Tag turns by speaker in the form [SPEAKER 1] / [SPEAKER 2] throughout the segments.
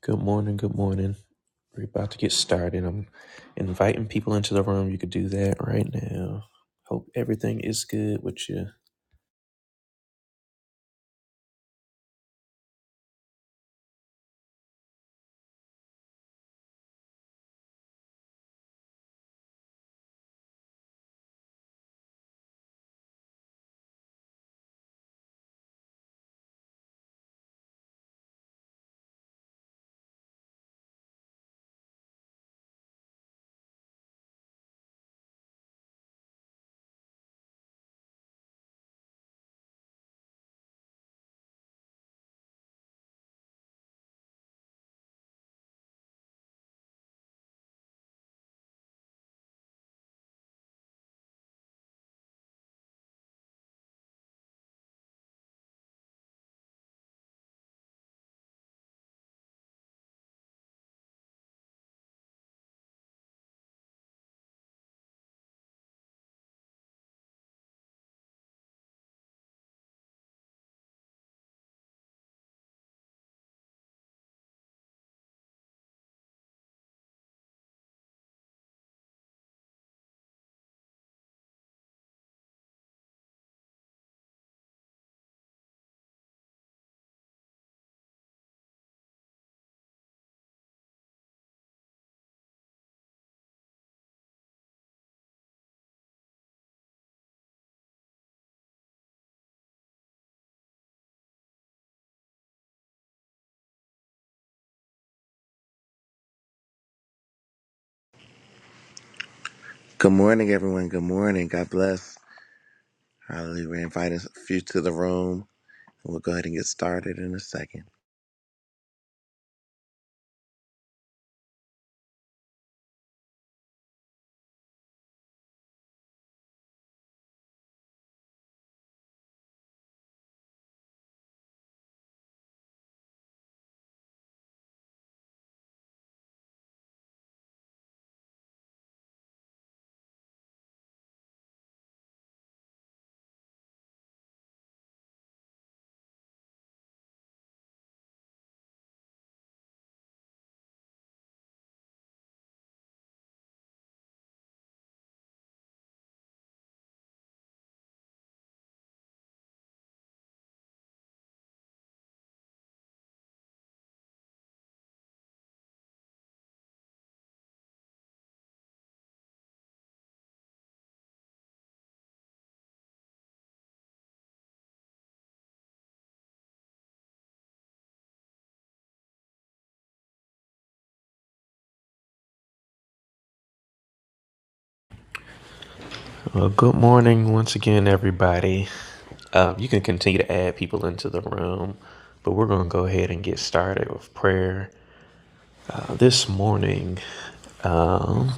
[SPEAKER 1] Good morning, good morning. We're about to get started. I'm inviting people into the room. You could do that right now. Hope everything is good with you.
[SPEAKER 2] Good morning, everyone. Good morning. God bless. Hallelujah. We're inviting a few to the room. We'll go ahead and get started in a second.
[SPEAKER 1] Well, good morning once again, everybody. Uh, you can continue to add people into the room, but we're going to go ahead and get started with prayer. Uh, this morning, um,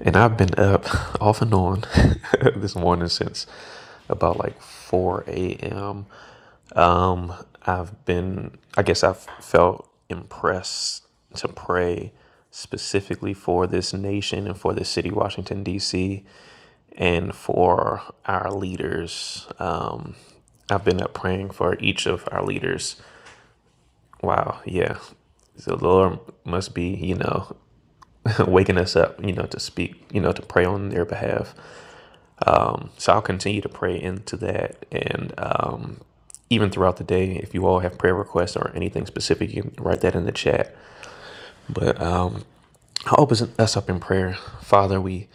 [SPEAKER 1] And I've been up off and on this morning since about like 4 a.m. Um, I've been, I guess I've felt impressed to pray specifically for this nation and for the city, Washington, D.C., and for our leaders. Um, I've been up praying for each of our leaders Wow. Yeah. So the Lord must be, you know, waking us up, you know, to speak, you know, to pray on their behalf. Um, so I'll continue to pray into that. And um, even throughout the day, if you all have prayer requests or anything specific, you can write that in the chat. But um, Open us up in prayer. Father, we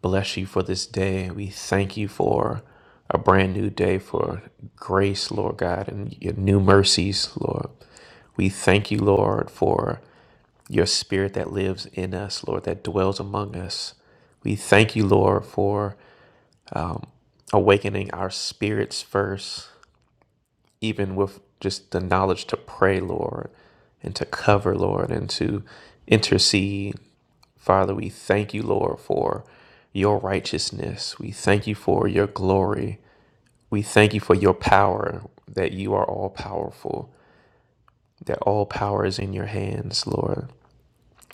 [SPEAKER 1] bless you for this day. We thank you for a brand new day, for grace, Lord God, and your new mercies, Lord. We thank you, Lord, for your spirit that lives in us, Lord, that dwells among us. We thank you, Lord, for awakening our spirits first even with just the knowledge to pray, Lord, and to cover, Lord, and to intercede. Father, we thank you, Lord, for your righteousness. We thank you for your glory. We thank you for your power, that you are all powerful, that all power is in your hands, Lord.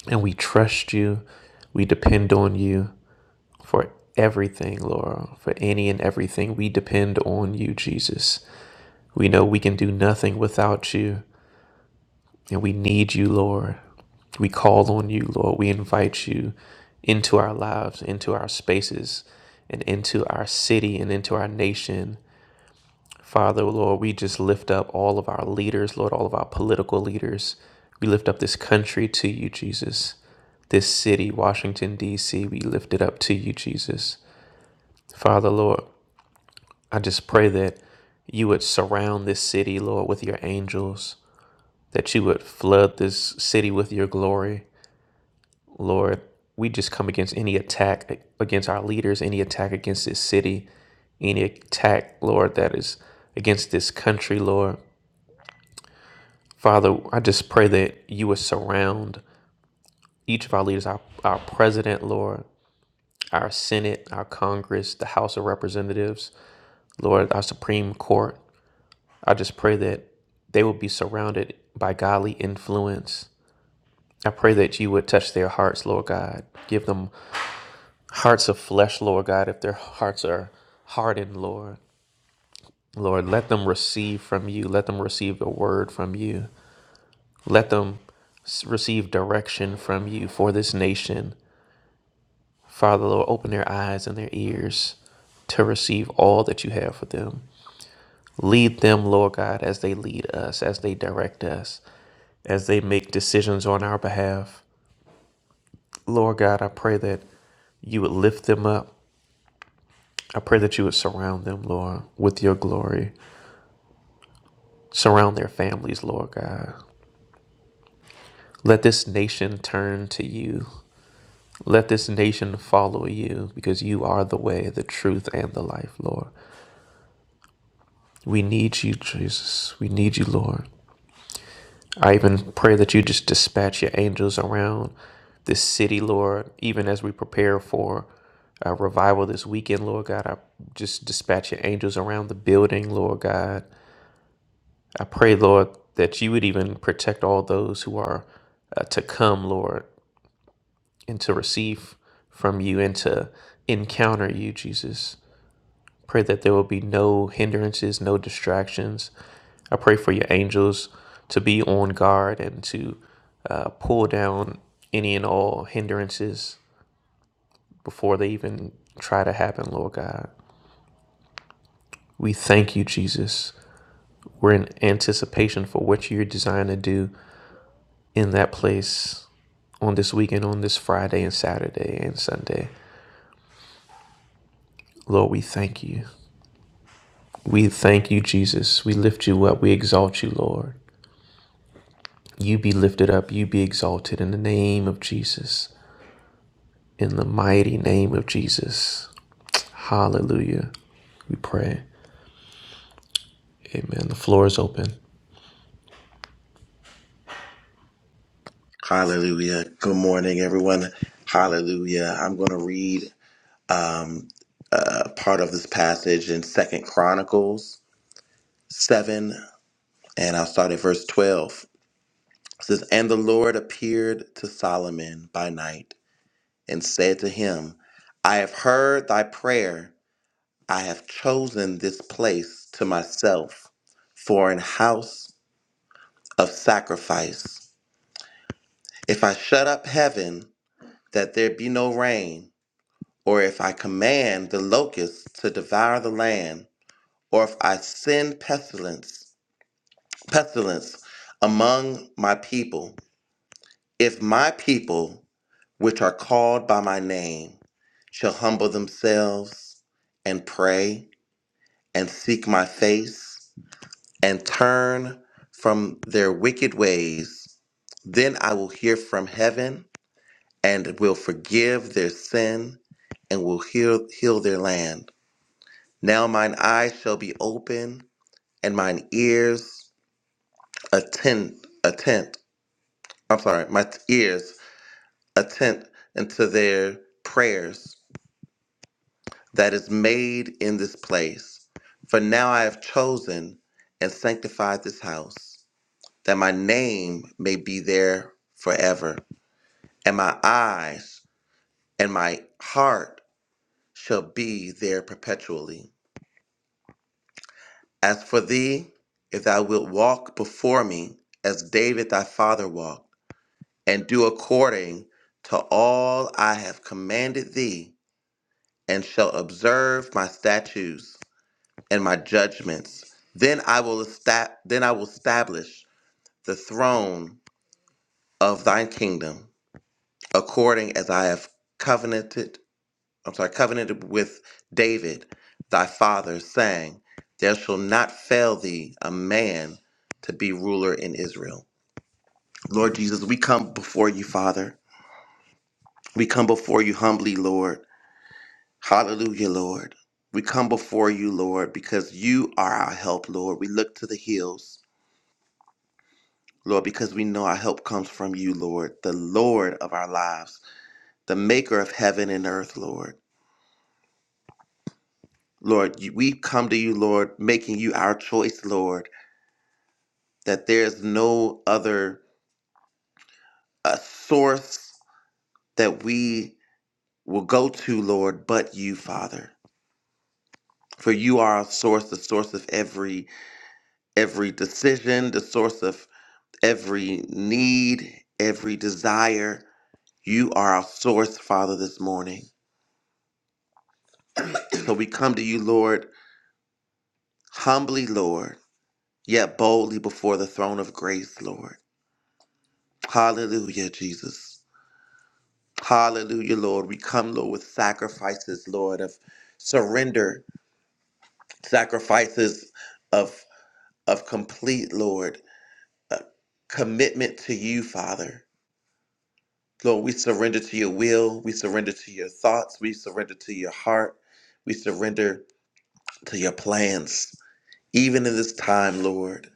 [SPEAKER 1] And we trust you. We depend on you for everything, Lord, for any and everything. We depend on you, Jesus. We know we can do nothing without you. And we need you, Lord. We call on you, Lord. We invite you into our lives, into our spaces, and into our city and into our nation. Father, Lord, we just lift up all of our leaders, Lord, all of our political leaders. We lift up this country to you, Jesus. This city, Washington, D.C., we lift it up to you, Jesus. Father, Lord, I just pray that you would surround this city, Lord, with your angels, that you would flood this city with your glory Lord, we just come against any attack against our leaders, any attack against this city, any attack, Lord, that is against this country, Lord. Father, I just pray that you would surround each of our leaders, our, our president, Lord, our Senate, our Congress, the House of Representatives, Lord, our Supreme Court. I just pray that they will be surrounded by godly influence. I pray that you would touch their hearts, Lord God. Give them hearts of flesh, Lord God, if their hearts are hardened, Lord. Lord, let them receive from you. Let them receive the word from you. Let them s- receive direction from you for this nation. Father, Lord, open their eyes and their ears to receive all that you have for them. Lead them, Lord God, as they lead us, as they direct us, as they make decisions on our behalf. Lord God, I pray that you would lift them up. I pray that you would surround them, Lord, with your glory. Surround their families, Lord God. Let this nation turn to you. Let this nation follow you because you are the way, the truth, and the life, Lord. We need you, Jesus. We need you, Lord. I even pray that you just dispatch your angels around this city, Lord, even as we prepare for a revival this weekend, Lord God. I just dispatch your angels around the building, Lord God. I pray, Lord, that you would even protect all those who are uh, to come, Lord. and to receive from you and to encounter you, Jesus. Pray that there will be no hindrances, no distractions. I pray for your angels to be on guard and to uh, pull down any and all hindrances before they even try to happen, Lord God. We thank you, Jesus. We're in anticipation for what you're designed to do in that place on this weekend, on this Friday and Saturday and Sunday. Lord, we thank you. We thank you, Jesus. We lift you up. We exalt you, Lord. You be lifted up. You be exalted in the name of Jesus. In the mighty name of Jesus. Hallelujah. We pray. Amen. The floor is open.
[SPEAKER 2] Hallelujah. Good morning, everyone. Hallelujah. I'm going to read um, uh, part of this passage in Second Chronicles 7, and I'll start at verse 12. It says, And the Lord appeared to Solomon by night and said to him, I have heard thy prayer I have chosen this place to myself for an house of sacrifice. If I shut up heaven that there be no rain, or if I command the locusts to devour the land, or if I send pestilence, pestilence among my people, if my people, which are called by my name, shall humble themselves and pray and seek my face and turn from their wicked ways, then I will hear from heaven and will forgive their sin and will heal, heal their land. Now mine eyes shall be open and mine ears attend, attend. I'm sorry, my ears attend unto their prayers that is made in this place. For now I have chosen and sanctified this house that my name may be there forever, and my eyes and my heart shall be there perpetually. As for thee, if thou wilt walk before me as David thy father walked, and do according to all I have commanded thee, and shall observe my statutes and my judgments, then I will esta- then I will establish the throne of thine kingdom according as I have covenanted, I'm sorry, covenanted with David, thy father, saying, There shall not fail thee a man to be ruler in Israel. Lord Jesus, we come before you, Father. We come before you humbly, Lord. Hallelujah, Lord. We come before you, Lord, because you are our help, Lord. We look to the hills, Lord, because we know our help comes from you, Lord, the Lord of our lives, the maker of heaven and earth, Lord. Lord, you- we come to you, Lord, making you our choice, Lord, that there's no other uh, source that we will go to, Lord, but you, Father. For you are our source, the source of every every decision, the source of every need, every desire. You are our source, Father, this morning. So we come to you, Lord, humbly, Lord, yet boldly before the throne of grace, Lord. Hallelujah, Jesus. Hallelujah, Lord. We come, Lord, with sacrifices, Lord, of surrender, sacrifices of of complete, Lord, uh, commitment to you, Father. Lord, we surrender to your will. We surrender to your thoughts. We surrender to your heart. We surrender to your plans. Even in this time, Lord,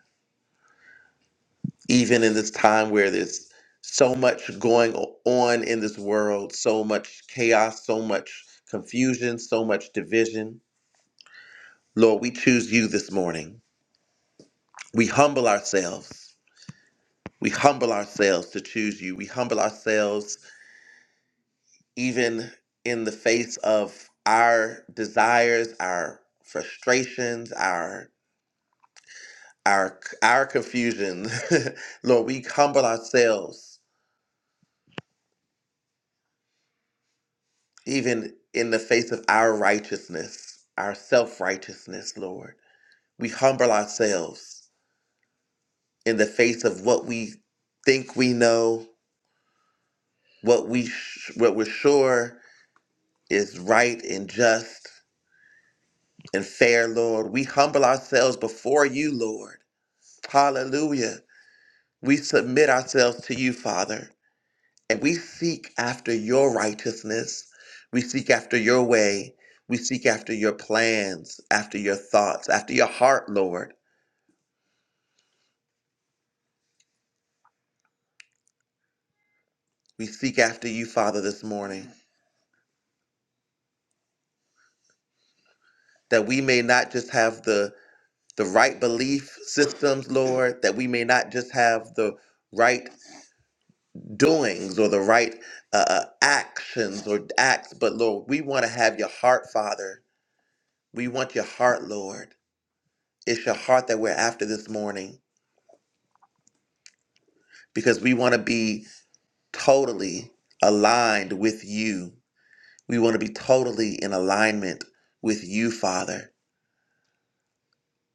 [SPEAKER 2] even in this time where there's so much going o- on in this world, so much chaos, so much confusion, so much division. Lord, we choose you this morning. We humble ourselves. We humble ourselves to choose you. We humble ourselves even in the face of our desires, our frustrations, our our our confusion. Lord, we humble ourselves even in the face of our righteousness, our self-righteousness, Lord. We humble ourselves in the face of what we think we know, what we sh- what we're sure is right and just and fair, Lord. We humble ourselves before you, Lord. Hallelujah. We submit ourselves to you, Father, and we seek after your righteousness. We seek after your way. We seek after your plans, after your thoughts, after your heart, Lord. We seek after you, Father, this morning, that we may not just have the the right belief systems, Lord, that we may not just have the right doings or the right uh, uh, actions or acts, but Lord, we want to have your heart, Father. We want your heart, Lord. It's your heart that we're after this morning because we want to be totally aligned with you. We want to be totally in alignment with you, Father.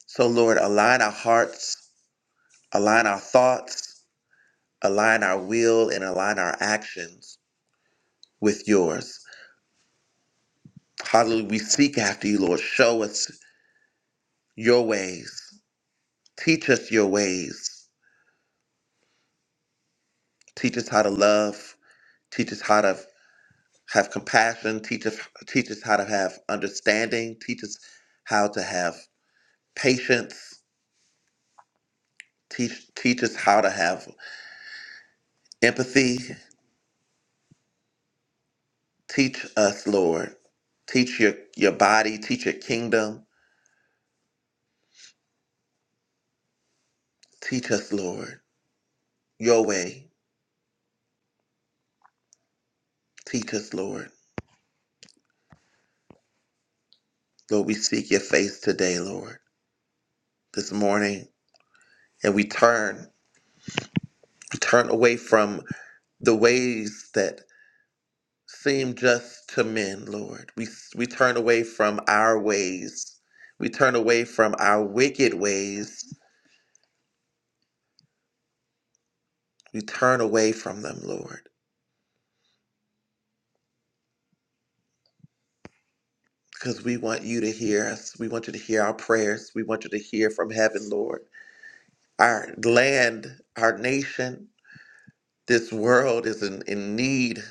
[SPEAKER 2] So, Lord, align our hearts, align our thoughts, align our will, and align our actions with yours. Hallelujah. We seek after you, Lord. Show us your ways. Teach us your ways. Teach us how to love. Teach us how to have compassion. Teach us, teach us how to have understanding. Teach us how to have patience. Teach, teach us how to have empathy. Teach us, Lord. Teach your, your body. Teach your kingdom. Teach us, Lord, your way. Teach us, Lord. Lord, we seek your face today, Lord, this morning, and we turn, we turn away from the ways that seem just to men, Lord. We, we turn away from our ways. We turn away from our wicked ways. We turn away from them, Lord, because we want you to hear us. We want you to hear our prayers. We want you to hear from heaven, Lord. Our land, our nation, this world is in, in need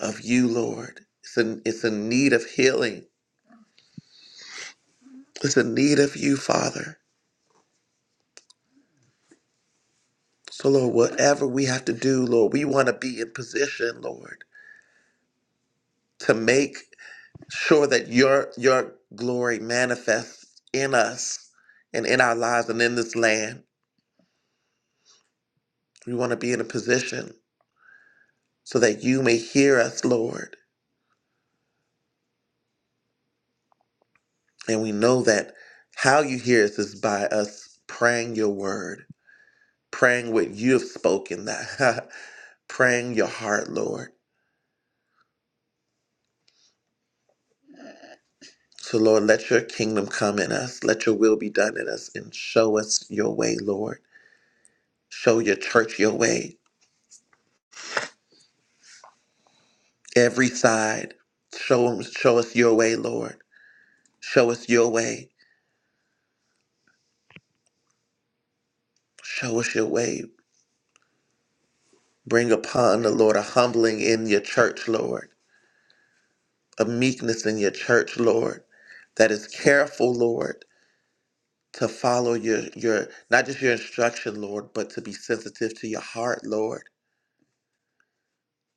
[SPEAKER 2] of you, Lord. It's in, it's in need of healing. It's in need of you, Father. So, Lord, whatever we have to do, Lord, we want to be in position, Lord to make sure that your your glory manifests in us and in our lives and in this land. We want to be in a position so that you may hear us, Lord. And we know that how you hear us is by us praying your word, praying what you have spoken, that praying your heart, Lord. So Lord, let your kingdom come in us. Let your will be done in us and show us your way, Lord. Show your church your way every side. Show, 'em- show us your way, Lord. Show us your way. Show us your way. Bring upon the Lord a humbling in your church, Lord, a meekness in your church, Lord, that is careful, Lord, to follow your, your not just your instruction, Lord, but to be sensitive to your heart, Lord.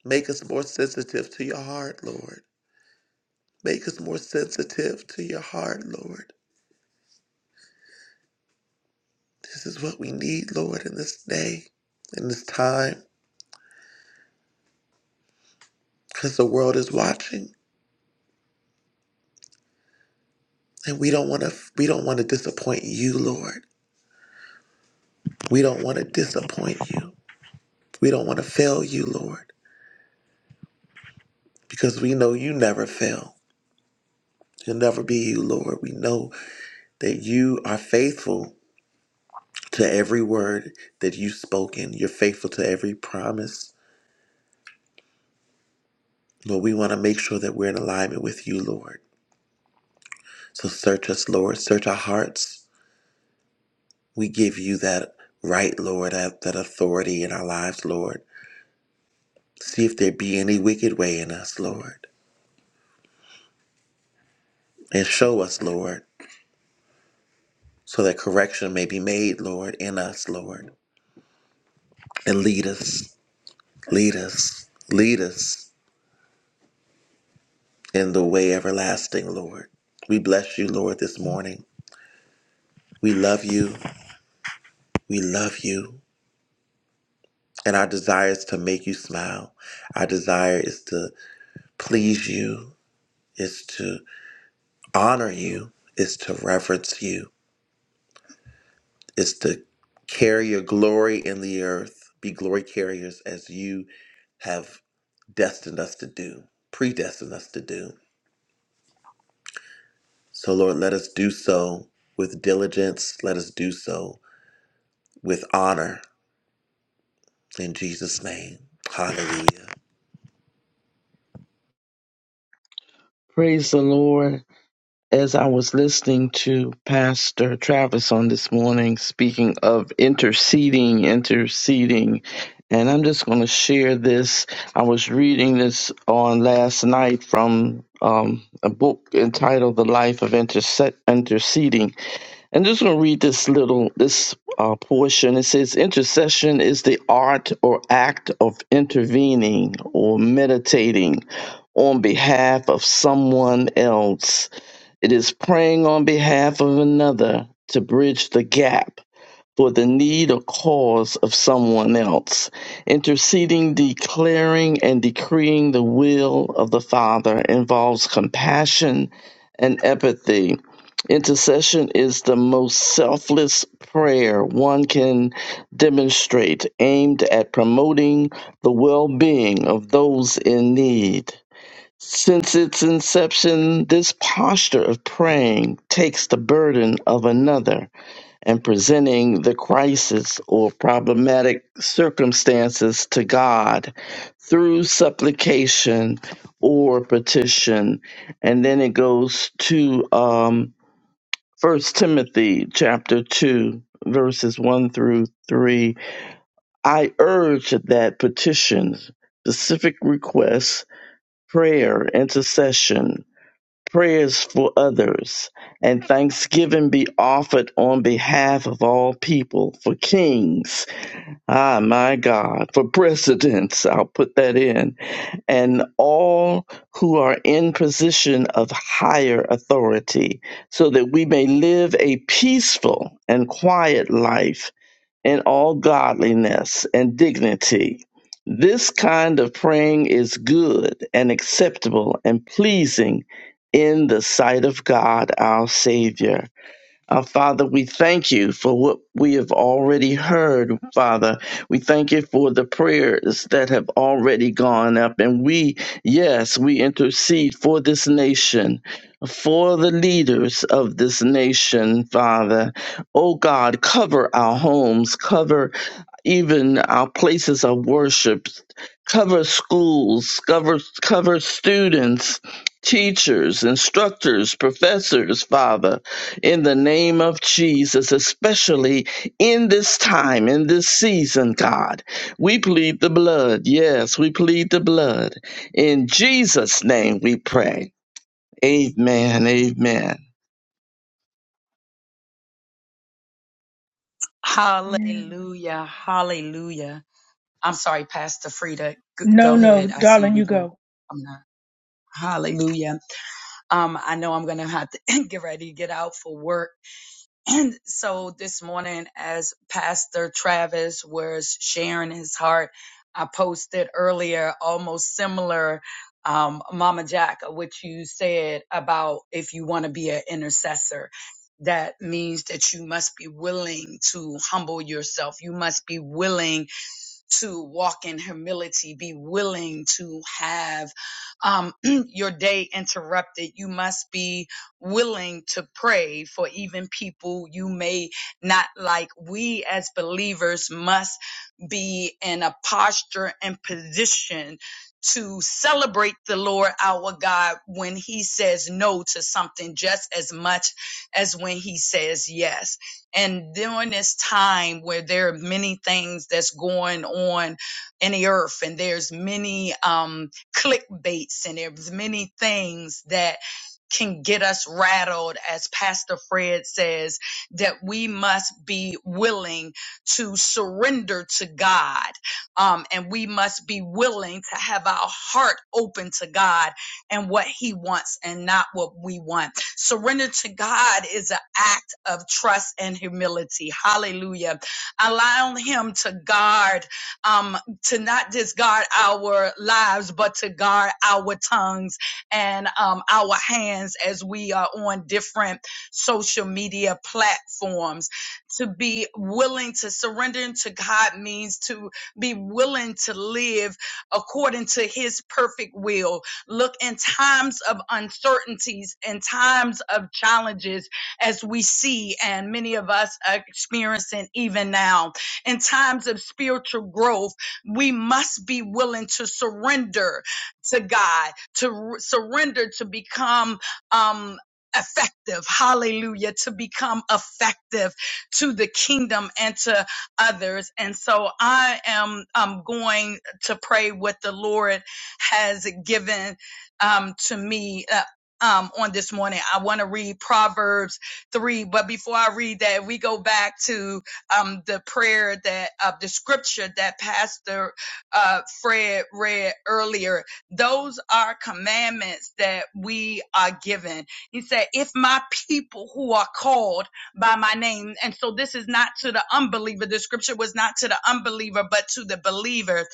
[SPEAKER 2] Make us more sensitive to your heart, Lord. Make us more sensitive to your heart, Lord. This is what we need, Lord, in this day, in this time. because the world is watching and we don't want to we don't want to disappoint you lord we don't want to disappoint you we don't want to fail you lord because we know you never fail you'll never be you lord we know that you are faithful to every word that you've spoken you're faithful to every promise lord we want to make sure that we're in alignment with you lord so search us lord search our hearts we give you that right lord that, that authority in our lives lord See if there be any wicked way in us, Lord. And show us, Lord, so that correction may be made, Lord, in us, Lord. And lead us, lead us, lead us in the way everlasting, Lord. We bless you, Lord, this morning. We love you. We love you. And our desire is to make you smile. Our desire is to please you, is to honor you, is to reverence you. is to carry your glory in the earth, be glory carriers as you have destined us to do, predestined us to do. So, Lord, let us do so with diligence. Let us do so with honor in Jesus' name. Hallelujah.
[SPEAKER 3] Praise the Lord. As I was listening to Pastor Travis on this morning, speaking of interceding, interceding, and I'm just going to share this. I was reading this on last night from um, a book entitled The Life of Interse- Interceding and just going to read this little this uh, portion. It says, "Intercession is the art or act of intervening or meditating on behalf of someone else. It is praying on behalf of another to bridge the gap for the need or cause of someone else, interceding, declaring, and decreeing the will of the Father involves compassion and empathy. Intercession is the most selfless prayer one can demonstrate, aimed at promoting the well being of those in need. Since its inception, this posture of praying takes the burden of another and presenting the crisis or problematic circumstances to God through supplication or petition. And then it goes to um, 1 Timothy chapter 2, verses 1 through 3. I urge that petitions, specific requests, prayer, intercession, prayers for others, and thanksgiving be offered on behalf of all people, for kings, ah, my God, for presidents, I'll put that in, and all who are in position of higher authority, so that we may live a peaceful and quiet life in all godliness and dignity. This kind of praying is good and acceptable and pleasing in the sight of God our Savior uh, Father, we thank you for what we have already heard, Father. We thank you for the prayers that have already gone up. And we, yes, we intercede for this nation, for the leaders of this nation, Father. Oh God, cover our homes, cover even our places of worship, cover schools, cover, cover students, teachers, instructors, professors, Father in the name of Jesus, especially in this time, in this season, God. We plead the blood. Yes, we plead the blood. In Jesus' name we pray. Amen. Amen.
[SPEAKER 4] Amen.
[SPEAKER 5] Hallelujah. Hallelujah. I'm sorry, Pastor Frida. G-
[SPEAKER 4] No,
[SPEAKER 5] go
[SPEAKER 4] no,
[SPEAKER 5] ahead. I see
[SPEAKER 4] darling,
[SPEAKER 5] we
[SPEAKER 4] you
[SPEAKER 5] were,
[SPEAKER 4] go.
[SPEAKER 5] I'm not. Hallelujah. Um, I know I'm going to have to get ready to get out for work. And so this morning, as Pastor Travis was sharing his heart, I posted earlier almost similar, um, Mama Jack, what you said about if you want to be an intercessor. That means that you must be willing to humble yourself. You must be willing to walk in humility, be willing to have um, your day interrupted. You must be willing to pray for even people you may not like. We as believers must be in a posture and position to celebrate the Lord our God when he says no to something just as much as when he says yes and during this time where there are many things that's going on in the earth, and there's many um, clickbaits, and there's many things that can get us rattled, as Pastor Fred says, that we must be willing to surrender to God. Um, and we must be willing to have our heart open to God and what He wants and not what we want Surrender to God is an act of trust and humility. Hallelujah. Allowing Him to guard, um, to not just guard our lives, but to guard our tongues and um, our hands as we are on different social media platforms. To be willing to surrender to God means to be willing to live according to His perfect will Look, in times of uncertainties, in times of challenges, as we see and many of us are experiencing even now, in times of spiritual growth, we must be willing to surrender to God, to r- surrender to become um, effective. Hallelujah. To become effective to the kingdom and to others. And so I am um, going to pray what the Lord has given um, to me uh, um, on this morning. I want to read Proverbs 3, but before I read that, we go back to um, the prayer that uh, the scripture that Pastor uh, Fred read earlier. Those are commandments that we are given. He said, If my people who are called by my name, and so this is not to the unbeliever, the scripture was not to the unbeliever, but to the believer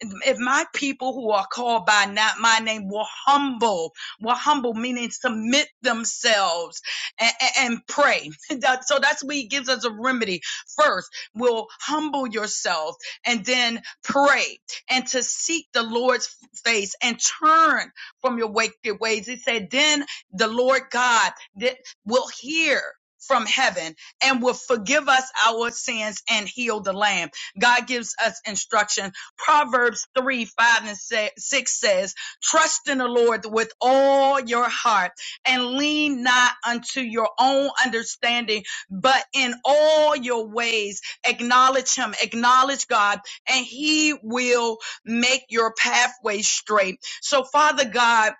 [SPEAKER 5] if my people who are called by not my name will humble, will humble, meaning submit themselves and, and pray. That- so that's what he gives us a remedy. First, will humble yourself and then pray and to seek the Lord's face and turn from your wicked ways. He said, then the Lord God that will hear from heaven and will forgive us our sins and heal the land. God gives us instructions Proverbs 3, 5, and 6 says, Trust in the Lord with all your heart and lean not unto your own understanding, but in all your ways acknowledge Him, acknowledge God, and He will make your pathway straight. So, Father God,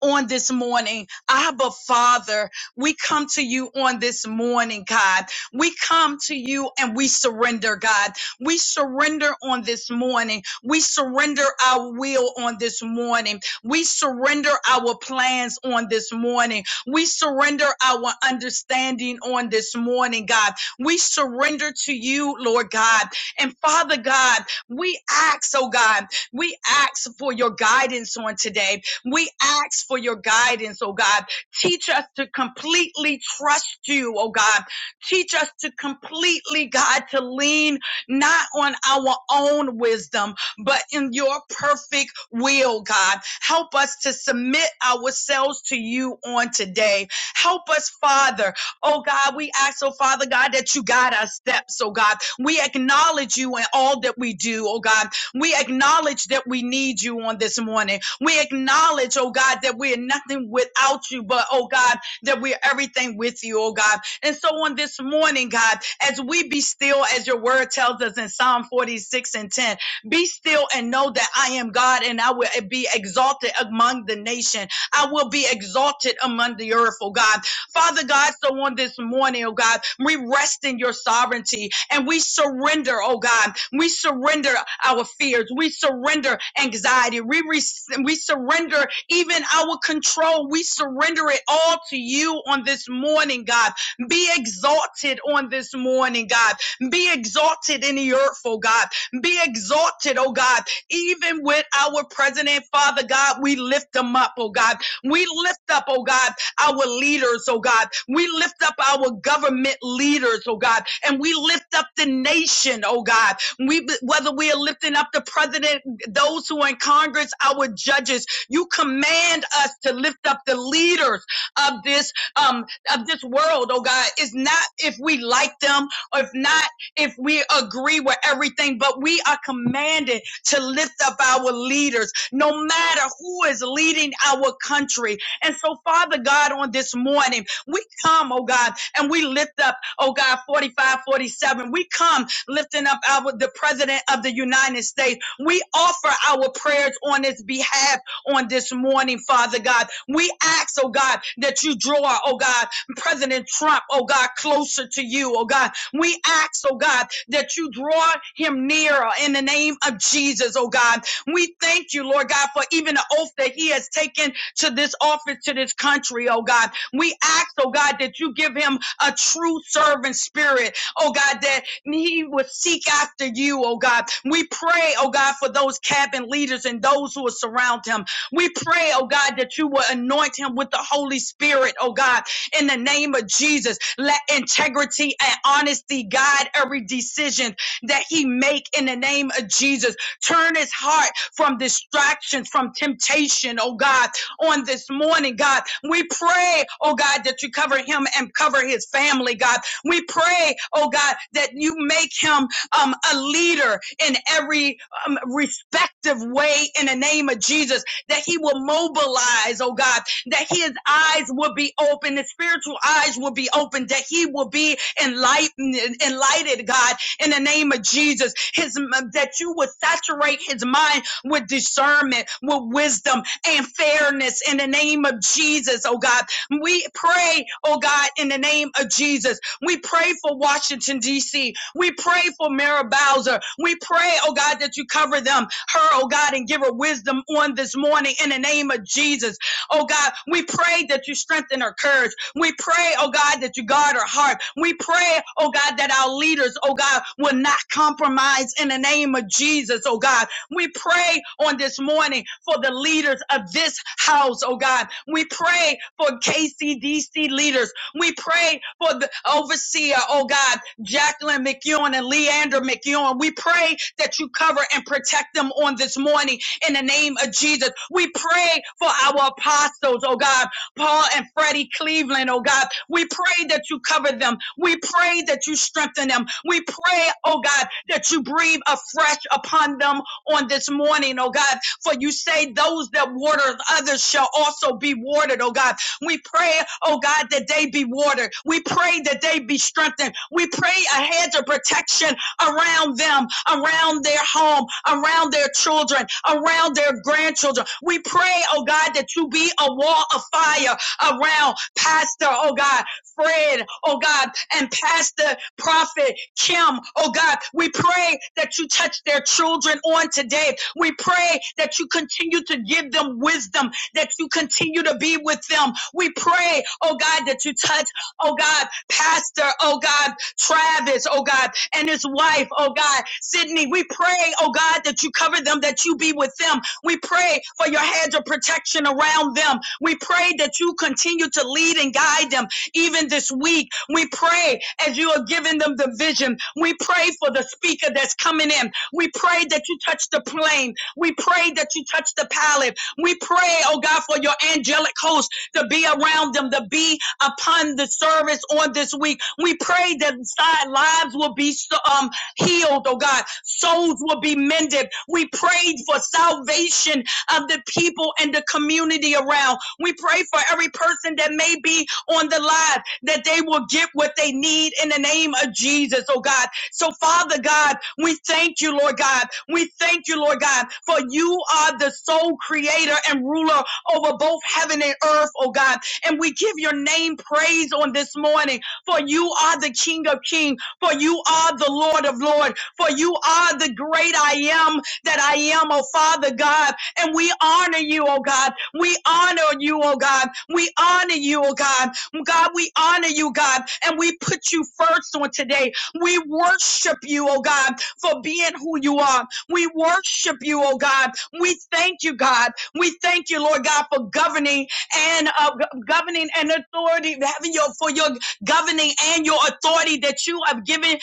[SPEAKER 5] on this morning. Abba, Father, we come to you on this morning, God. We come to you and we surrender, God. We surrender on this morning. We surrender our will on this morning. We surrender our plans on this morning. We surrender our understanding on this morning, God. We surrender to you, Lord God. And Father God, we ask, oh God, we ask for your guidance on today. We ask for your guidance, oh God. Teach us to completely trust you, oh God. Teach us to completely, God, to lean not on our own wisdom, but in your perfect will, God. Help us to submit ourselves to you on today. Help us, Father. Oh God, we ask, oh Father God, that you guide our steps, oh God. We acknowledge you in all that we do, oh God. We acknowledge that we need you on this morning. We acknowledge, oh God, that we are nothing without you, but oh God, that we're everything with you, oh God. And so on this morning, God, as we be still, as your word tells us in Psalm 46 and 10, be still and know that I am God and I will be exalted among the nation. I will be exalted among the earth, oh God. Father God, so on this morning, oh God, we rest in your sovereignty and we surrender, oh God. We surrender our fears. We surrender anxiety. We, re- we surrender even our control. We surrender it all to you on this morning, God. Be exalted on this morning, God. Be exalted in the earth, oh God. Be exalted, oh God. Even with our president, Father God, we lift them up, oh God. We lift up, oh God our leaders, oh God. We lift up our government leaders, oh God, and we lift up the nation, oh God. We whether we are lifting up the president, those who are in Congress, our judges. You command us to lift up the leaders of this um of this world, oh God. It's not if we like them or if not if we agree with everything, but we are commanded to lift up our leaders, no matter who is leading our country and so, Father God, on this morning, we come, oh God, and we lift up, oh God, 45, 47. We come lifting up our the President of the United States. We offer our prayers on his behalf on this morning, Father God. We ask, oh God, that you draw, oh God, President Trump, oh God, closer to you, oh God. We ask, oh God, that you draw him nearer in the name of Jesus, oh God. We thank you, Lord God, for even the oath that he has taken to this office, to this country, oh God. We ask, oh God, that you give him a true servant spirit, oh God, that he would seek after you, oh God. We pray, oh God, for those cabin leaders and those who are surround him. We pray, oh God, that you will anoint him with the Holy Spirit, oh God, in the name of Jesus. Let integrity and honesty guide every decision that he make in the name of Jesus. Turn his heart from distractions, from temptation, oh God, on this morning, God. We pray, oh God, that you cover him and cover his family, God. We pray, oh God, that you make him um, a leader in every um, respective way in the name of Jesus, that he will mobilize, oh God, that his eyes will be open, his spiritual eyes will be open, that he will be enlightened, enlightened, God, in the name of Jesus, his that you would saturate his mind with discernment, with wisdom, and fairness in the name of Jesus, oh God. We pray, oh God, in the name of Jesus. We pray for Washington, D.C. We pray for Mara Bowser. We pray, oh God, that you cover them, her, oh God, and give her wisdom on this morning in the name of Jesus. Oh God, we pray that you strengthen her courage. We pray, oh God, that you guard her heart. We pray, oh God, that our leaders, oh God, will not compromise in the name of Jesus, oh God. We pray on this morning for the leaders of this house, oh God. We pray for KCDC leaders. We pray for the overseer, oh God, Jacqueline McEwen and Leander McEwen. We pray that you cover and protect them on this morning in the name of Jesus. We pray for our apostles, oh God, Paul and Freddie Cleveland, oh God. We pray that you cover them. We pray that you strengthen them. We pray, oh God, that you breathe afresh upon them on this morning, oh God. For you say those that water others shall also be watered, oh God. We pray, oh God, that they be watered. We pray that they be strengthened. We pray a hedge of protection around them, around their home, around their children, around their grandchildren. We pray, oh God, that you be a wall of fire around Pastor, oh God, Fred, oh God, and Pastor Prophet Kim, oh God, we pray that you touch their children on today. We pray that you continue to give them wisdom, that you continue to be with them. We pray, oh God, that you touch, oh God, Pastor, oh God, Travis, oh God, and his wife, oh God, Sydney. We pray, oh God, that you cover them, that you be with them. We pray for your hands of protection around them. We pray that you continue to lead and guide them. Even this week, we pray as you are giving them the vision. We pray for the speaker that's coming in. We pray that you touch the plane. We pray that you touch the pallet. We pray, oh God, for your angelic host to be around them, to be upon the service on this week. We pray that side lives will be so, um, healed, oh God. Souls will be mended. We prayed for salvation of the people and the community around. We pray for every person that may be on the live that they will get what they need in the name of Jesus, oh God. So, Father God, we thank you, Lord God. We thank you, Lord God, for you are the sole creator and ruler over both heaven and earth, oh God. And we give your name praise on this morning, for you are the King of kings, for you are the Lord of lords, for you are the great I am that I am, oh Father God. And we honor you, oh God. We honor you, oh God. We honor you, oh God. God, we honor you, God. And we put you first on today. We worship you, oh God, for being who you are. We worship you, oh God. We thank you, God. We thank you, Lord God, for governing and uh, go- governing and authority, having your for your governing and your authority that you have given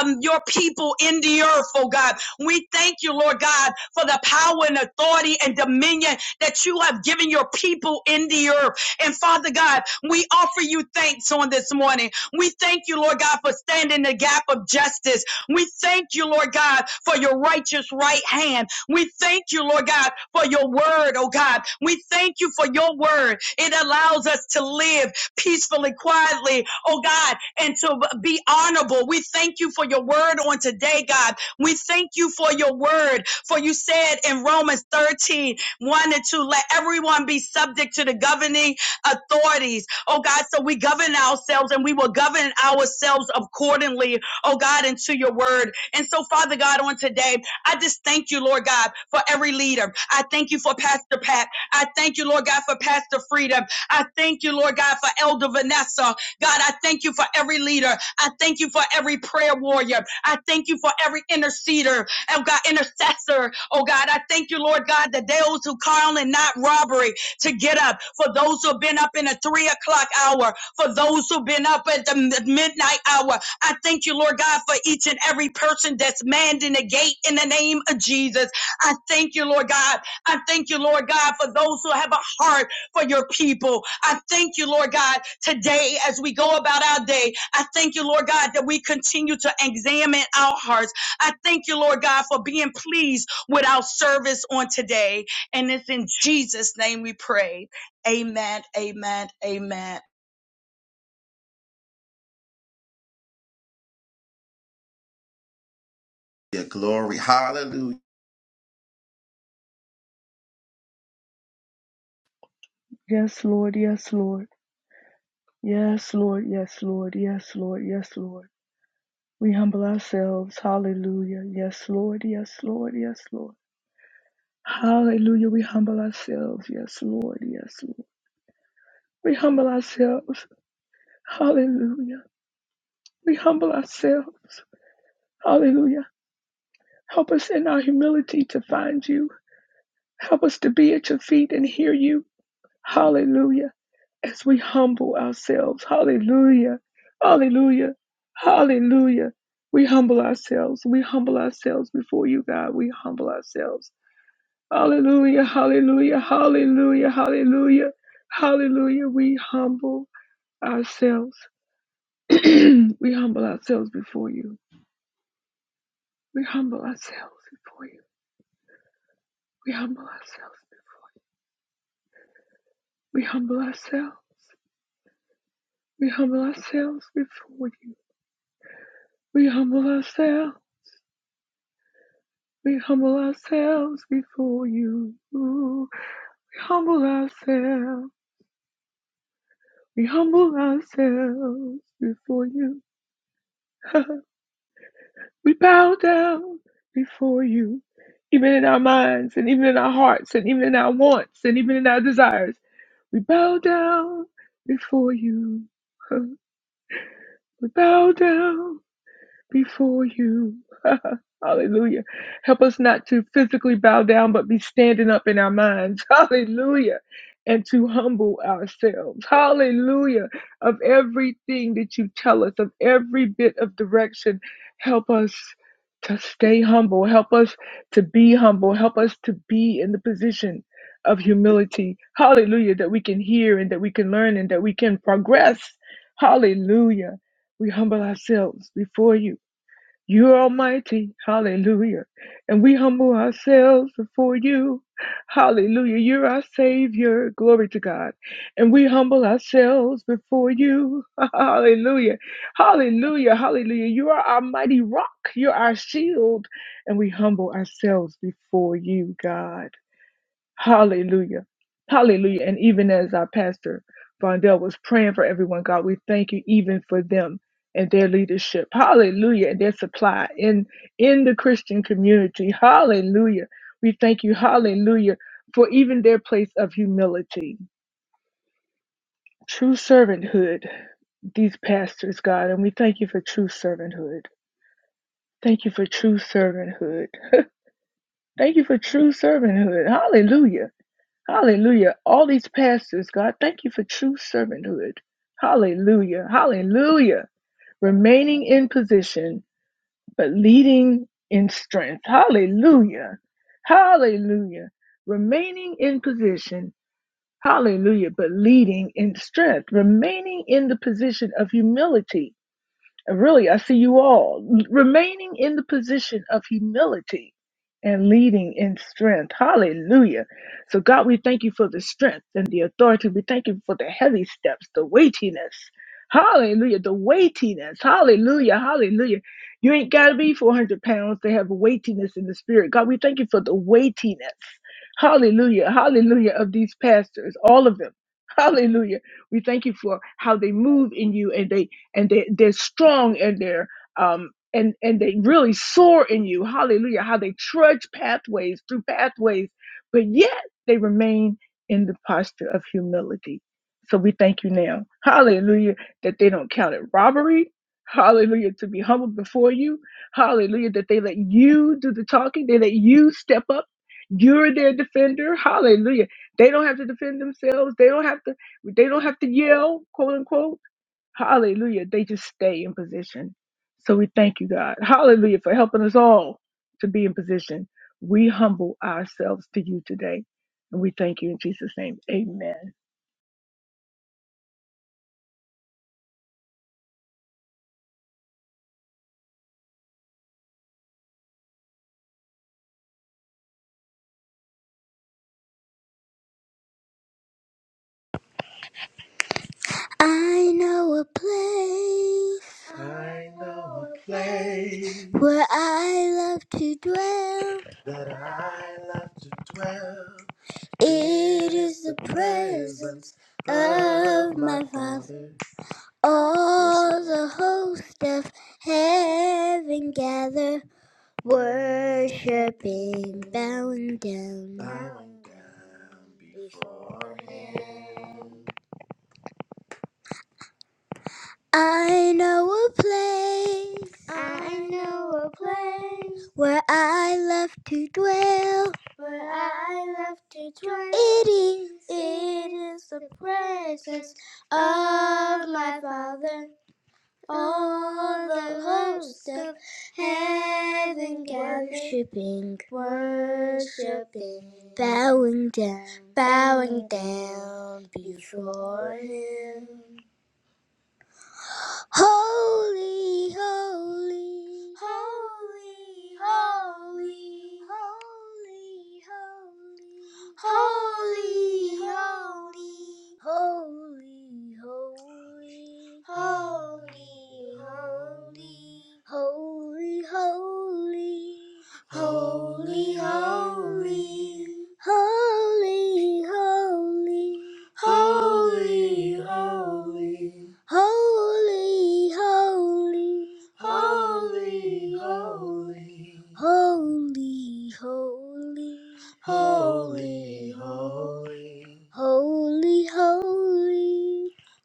[SPEAKER 5] um, your people in the earth, oh God. We thank you, Lord God, for the power and authority and dominion that you have given your people in the earth. And Father God, we offer you thanks on this morning. We thank you, Lord God, for standing the gap of justice. We thank you, Lord God, for your righteous right hand. We thank you, Lord God, for your word, oh God. We thank you for your word. It allows us to live peacefully, quietly, oh God, and to be honorable. We thank you for your word on today, God. We thank you for your word. For you said in Romans thirteen one and 2, let everyone be subject to the governing authorities. Oh God, so we govern ourselves and we will govern ourselves accordingly, oh God, into your word. And so, Father God, on today, I just thank you, Lord God, for every leader. I thank you for Pastor Pat. I thank you, Lord God, for Pastor Freedom. I thank you, Lord God, for Elder Vanessa. God, I thank you for every leader. I thank you for every prayer warrior. I thank you for every interceder. Oh God, intercessor. Oh God, I thank you, Lord God, that those who call and not robbery to get up. For those who've been up in the three o'clock hour. For those who've been up at the midnight hour. I thank you, Lord God, for each and every person that's manned in the gate in the name of Jesus. I thank you, Lord God. I thank you, Lord God, for those who have a heart for your people. I thank you, Lord God, today as we go about our day. I thank you, Lord God, that we continue to examine our hearts. I thank you, Lord God, for being pleased with our service on today. And it's in Jesus' name we pray. Amen, amen, amen.
[SPEAKER 2] Your glory. Hallelujah.
[SPEAKER 4] Yes, Lord. Yes, Lord. Yes, Lord. Yes, Lord. Yes, Lord. Yes, Lord. We humble ourselves. Hallelujah. Yes, Lord. Yes, Lord. Yes, Lord. Hallelujah. We humble ourselves. Yes, Lord. Yes, Lord. We humble ourselves. Hallelujah. We humble ourselves. Hallelujah. Help us in our humility to find you. Help us to be at your feet and hear you. Hallelujah. as we humble ourselves. Hallelujah. Hallelujah. Hallelujah. We humble ourselves. We humble ourselves before you, God. We humble ourselves. Hallelujah. Hallelujah. Hallelujah. Hallelujah. Hallelujah. We humble ourselves. we humble ourselves before you. We humble ourselves before you. We humble ourselves. We humble ourselves. We humble ourselves before you. We humble ourselves. We humble ourselves before you. We humble ourselves. We humble ourselves before you. we bow down before you, even in our minds and even in our hearts and even in our wants and even in our desires. We bow down before you. We bow down before you. Hallelujah. Help us not to physically bow down, but be standing up in our minds. Hallelujah. And to humble ourselves. Hallelujah. Of everything that you tell us, of every bit of direction, help us to stay humble. Help us to be humble. Help us to be in the position of humility. Hallelujah. That we can hear and that we can learn and that we can progress. Hallelujah. We humble ourselves before you you're almighty. Hallelujah. And we humble ourselves before you. Hallelujah. You're our Savior. Glory to God. And we humble ourselves before you. Hallelujah. Hallelujah. Hallelujah. You are our mighty rock. You're our shield. And we humble ourselves before you, God. Hallelujah. Hallelujah. And even as our pastor Vondell was praying for everyone, God, we thank you even for them and their leadership. Hallelujah. And their supply in in the Christian community. Hallelujah. We thank you, hallelujah, for even their place of humility. True servanthood, these pastors, God, and we thank you for true servanthood. Thank you for true servanthood. thank you for true servanthood. Hallelujah. Hallelujah. All these pastors, God, thank you for true servanthood. Hallelujah. Hallelujah. Remaining in position, but leading in strength. Hallelujah. Hallelujah. Remaining in position. Hallelujah. But leading in strength. Remaining in the position of humility really, I see you all remaining in the position of humility and leading in strength. Hallelujah. So, God, we thank you for the strength and the authority. We thank you for the heavy steps, the weightiness. Hallelujah. The weightiness. Hallelujah. Hallelujah. You ain't got to be 400 pounds to have weightiness in the spirit. God, we thank you for the weightiness. Hallelujah. Hallelujah of these pastors, all of them. Hallelujah. We thank you for how they move in you and they and they, they're strong and they're um and and they really soar in you hallelujah how they trudge pathways through pathways but yet they remain in the posture of humility so we thank you now hallelujah that they don't count it robbery hallelujah to be humble before you hallelujah that they let you do the talking they let you step up you're their defender hallelujah they don't have to defend themselves they don't have to they don't have to yell quote unquote Hallelujah. They just stay in position. So we thank you, God. Hallelujah for helping us all to be in position. We humble ourselves to you today. And we thank you in Jesus' name. Amen.
[SPEAKER 2] I know a place. I know a place where I love to dwell. That I love to dwell. It is the presence of my Father. All the host of heaven gather, worshiping, bowing down before Him. I know a place. I know a place where I love to dwell. Where I love to dwell. It is. It is the presence of my Father. All the hosts of heaven gathered, worshiping, worshiping, bowing down, bowing down before Him. Holy, holy, holy, holy, holy, holy, holy, holy, holy, holy, holy, holy, holy. Holy, holy, holy, holy, holy, holy, holy. Holy, holy, Holy, holy, holy, holy, holy, holy, holy,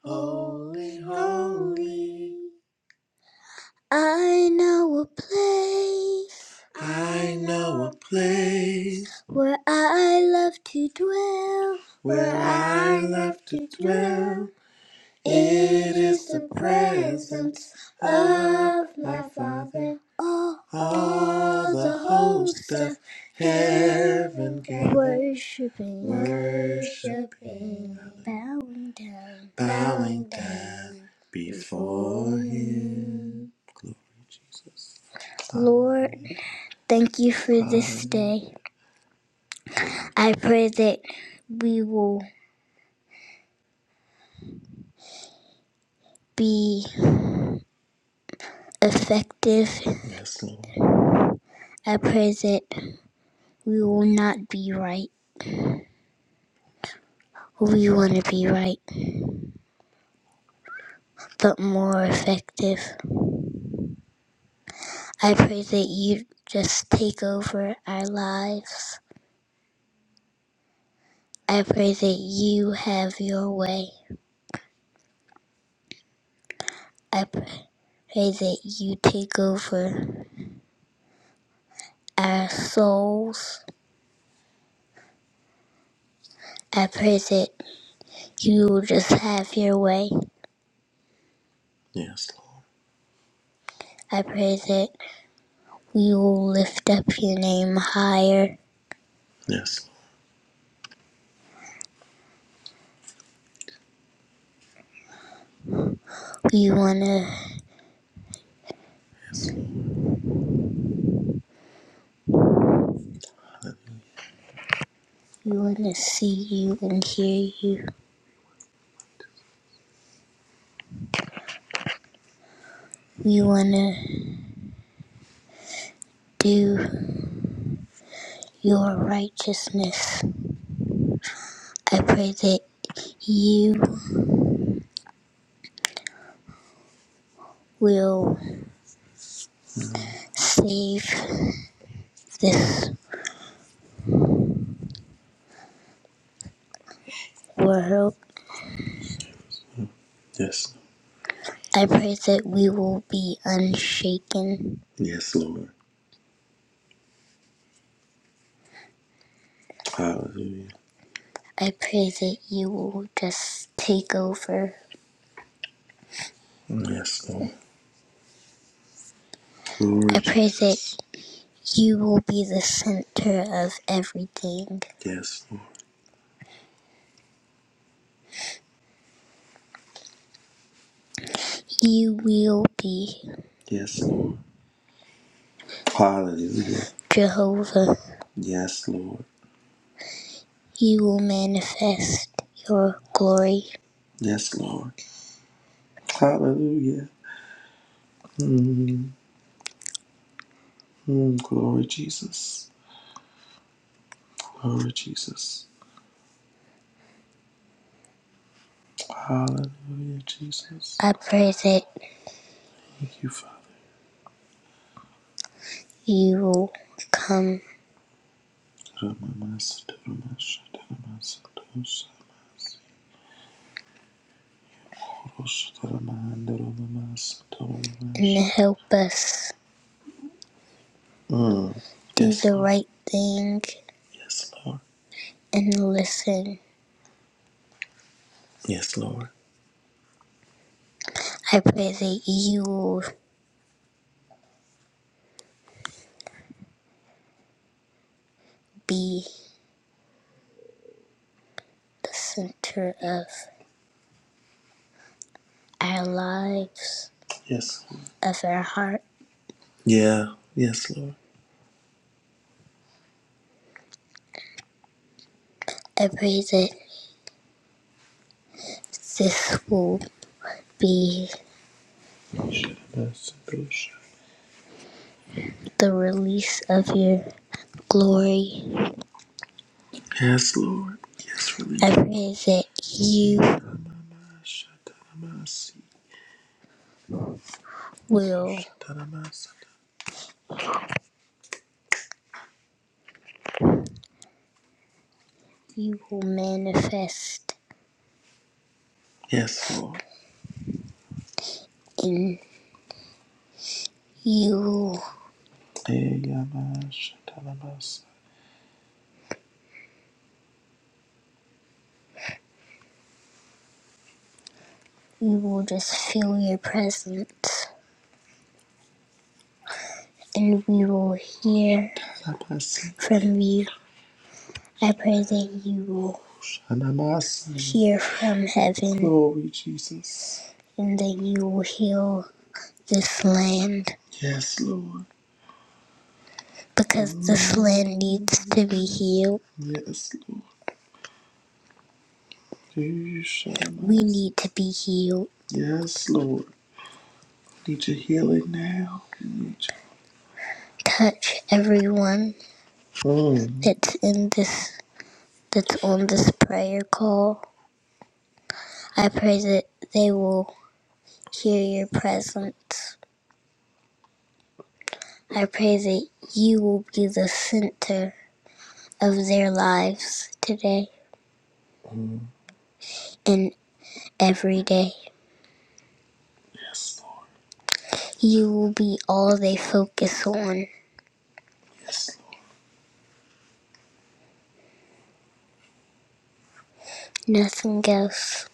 [SPEAKER 2] holy, holy, holy. I know a place I know a place where I love to dwell, where I love to dwell. It is the presence of my Father. All, all the hosts of heaven gathered, worshiping, worshiping, bowing down, bowing down before you. Lord, thank you for this day. I pray that we will be effective. Yes, Lord. I pray that we will not be right. We want to be right, but more effective. I pray that you just take over our lives. I pray that you have your way. I pray that you take over our souls. I pray that you will just have your way. Yes, Lord. I pray that we will lift up your name higher. Yes, We wanna we wanna see you and hear you. We wanna do your righteousness. I pray that you will save this world. Yes. I pray that we will be unshaken. Yes, Lord. Hallelujah. I pray that you will just take over. Yes, Lord. Glory I to pray Jesus. that you will be the center of everything. Yes, Lord. You will be. Yes, Lord. Hallelujah. Jehovah, Yes, Lord. you will manifest your glory. Yes, Lord. Hallelujah. mm mm. Glory, Jesus. Glory, Jesus. Hallelujah, Jesus. I pray that Thank you, Father. you will come and help us Mm. Do Yes, the Lord. right thing Yes, Lord. and listen. Yes, Lord. I pray that you will be the center of our lives, Yes. Lord. of our heart. Yeah. Yes, Lord. I pray that this will be the release of your glory. Yes, Lord. Yes, release. I pray that you will you will manifest Yes, Lord. and you Eyabashatarabasa. you will just feel your presence and we will hear from you. I pray that you will hear from heaven and that you will heal this land because mm. this land needs to be healed. We need to be healed. Touch everyone that's in this that's on this prayer call. I pray that they will hear your presence. I pray that you will be the center of their lives today and every day. You will be all they focus on. Nothing else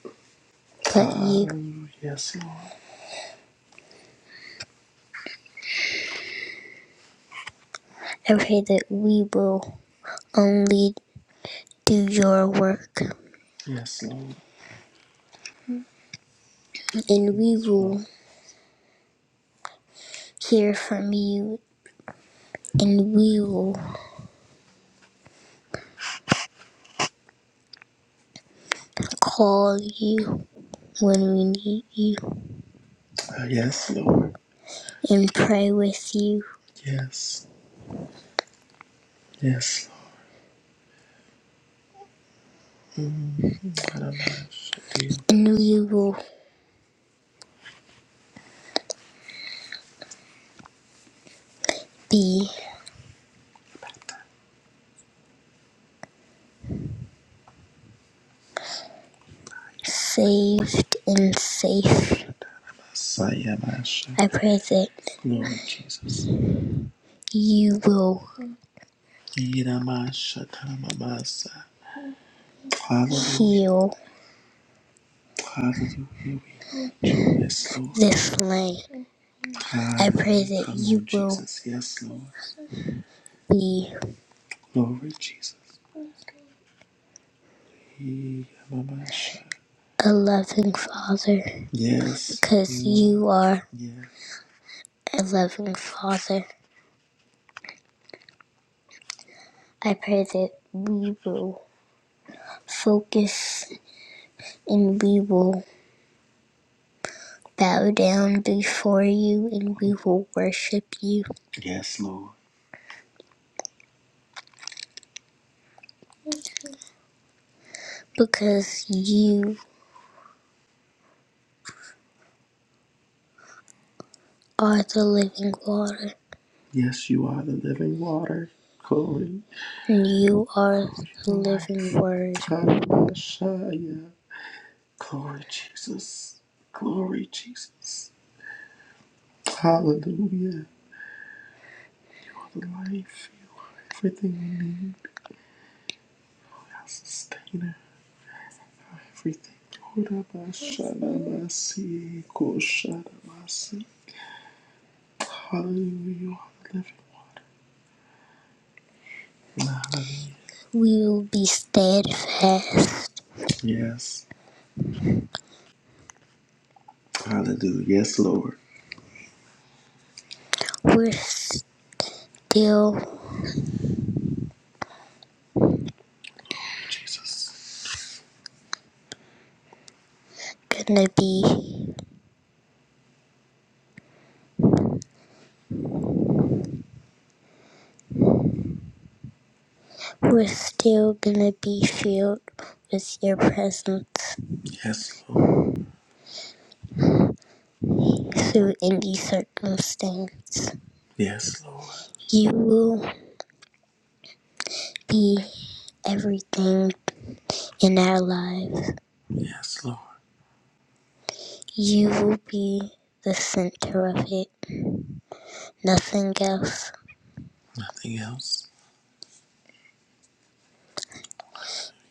[SPEAKER 2] but you. I pray that we will only do your work and we will hear from you and we will call you when we need you and pray with you, and we will be saved and safe. I pray that you will heal this land. I pray that you will be a loving father because you are a loving father. I pray that we will focus and we will bow down before you and we will worship you Yes, Lord. because you are the living water and you are the living word. We will be steadfast. We're still gonna be, we're still gonna be filled with your presence Yes, Lord. through any circumstance. You will. be everything in our lives. You will be the center of it, nothing else. Nothing else.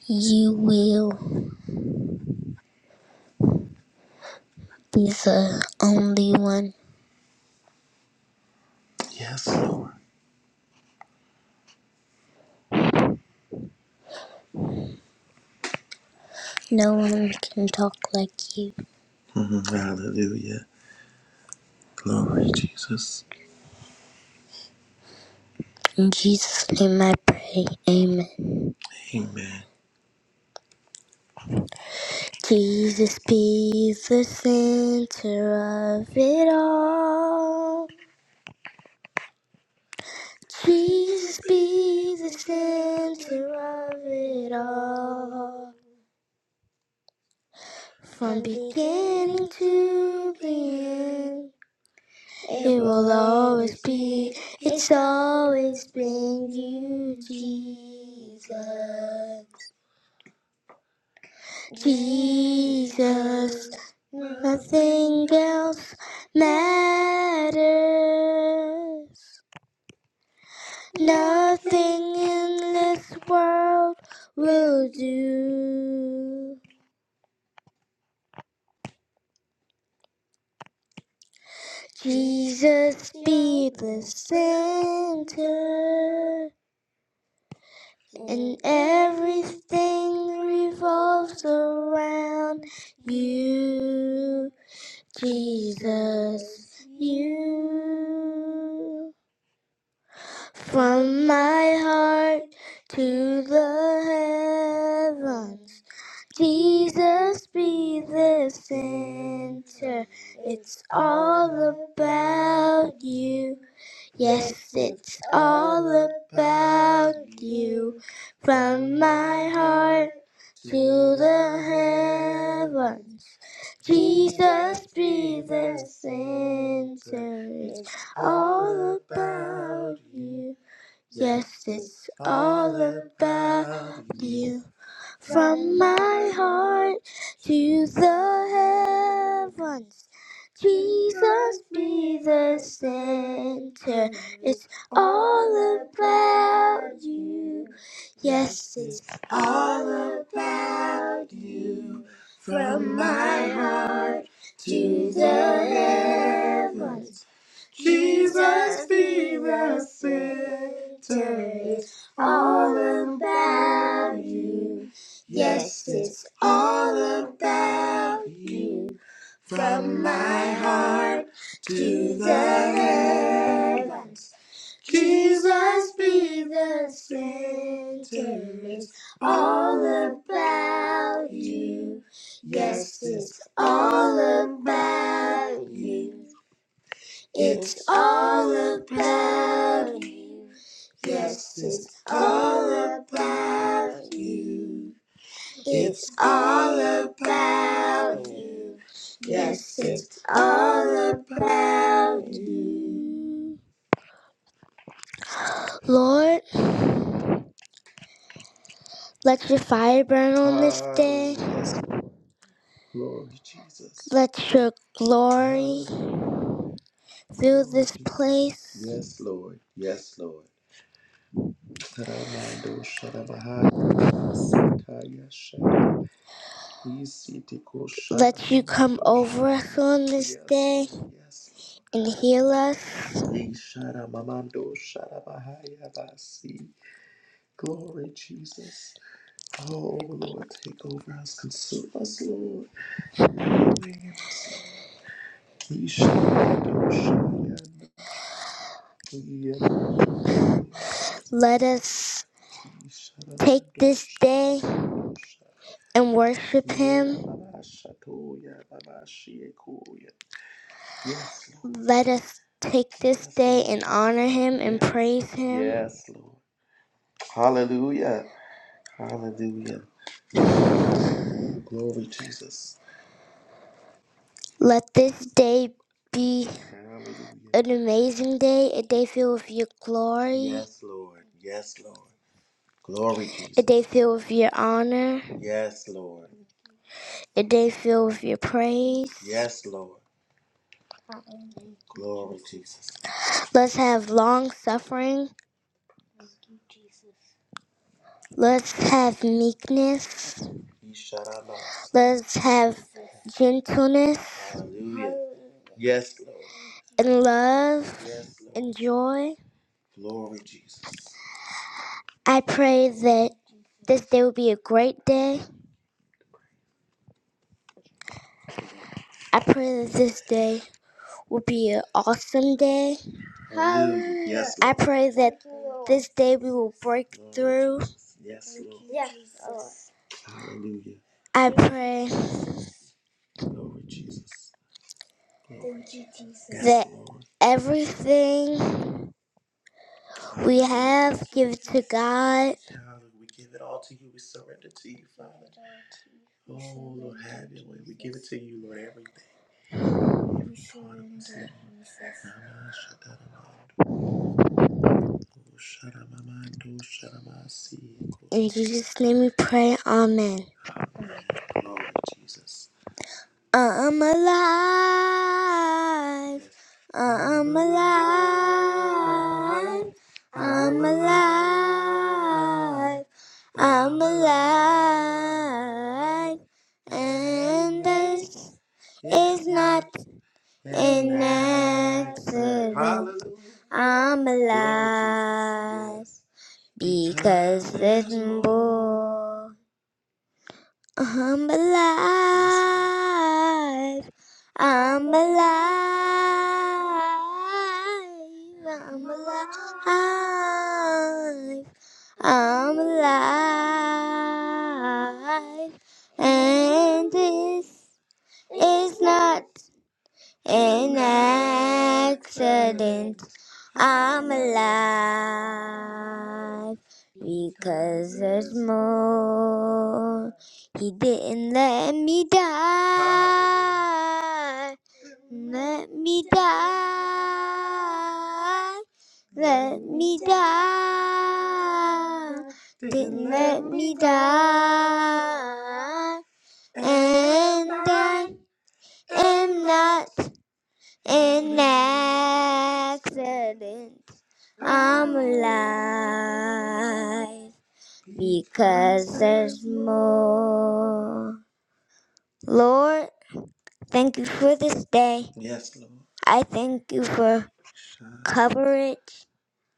[SPEAKER 2] You will be the only one. Yes, Lord. No one can talk like you. Mhm. Hallelujah. Glory, Jesus. In Jesus' name I pray. Amen. Amen. Jesus be the center of it all. Jesus be the center of it all. From beginning to the end, it will always be, it's always been you, Jesus. Jesus, nothing else matters. Nothing in this world will do. Jesus be the center, and everything revolves around you. Jesus, you. From my heart to the heavens. Jesus be the center. It's all about you. Yes, it's all about you. From my heart to the heavens. Jesus be the center. It's all about you. Yes, it's all about you. From my heart to the heavens, Jesus be the center. It's all about you. Yes, it's all about you. From my heart to the heavens. Jesus be the center, it's all about you. Yes, it's all about you. From my heart to the heavens, Jesus be the center, it's all about you. Yes, it's all about you. It's all about you. Yes, it's all about you. It's all about you. Yes, it's all about you. Lord, let your fire burn on this Ah, day. yes, Glory, Jesus. Let your glory Ah, fill this place. Yes, Lord. Please see the Let you come over us on this Yes. day. and heal us. Let us take this day and worship Him. Let us take this day and honor Him and praise Him. Yes, Lord. Hallelujah. Hallelujah. Glory, Jesus. Let this day be an amazing day, a day filled with your glory. Yes, Lord. Yes, Lord. Glory, Jesus. A day filled with your honor. Yes, Lord. The day filled with your praise. Yes, Lord. Glory, Jesus. Let's have long suffering. Let's have meekness. Let's have gentleness Hallelujah. Yes, Lord. and love Yes, Lord. and joy. Glory, Jesus. I pray that this day will be a great day. I pray that this day will be an awesome day. Hallelujah. Yes, Lord. I pray that this day we will break through. Yes, Lord. Hallelujah. I pray Glory, Jesus. Yes, that Lord. everything we have give it to God. To you, Lord, In Jesus' name we pray. Amen. I'm alive. I'm alive. I'm alive. I'm alive. And this is not an accident. I'm alive because there's more. I'm alive. I'm alive. I'm alive. I'm alive. And this is not in accident, I'm alive because there's more. He didn't let me die. Let me die. Let me die. Didn't let me die. And I am not in accident. I'm alive because there's more. Lord, thank you for this day. Yes, Lord. I thank you for coverage.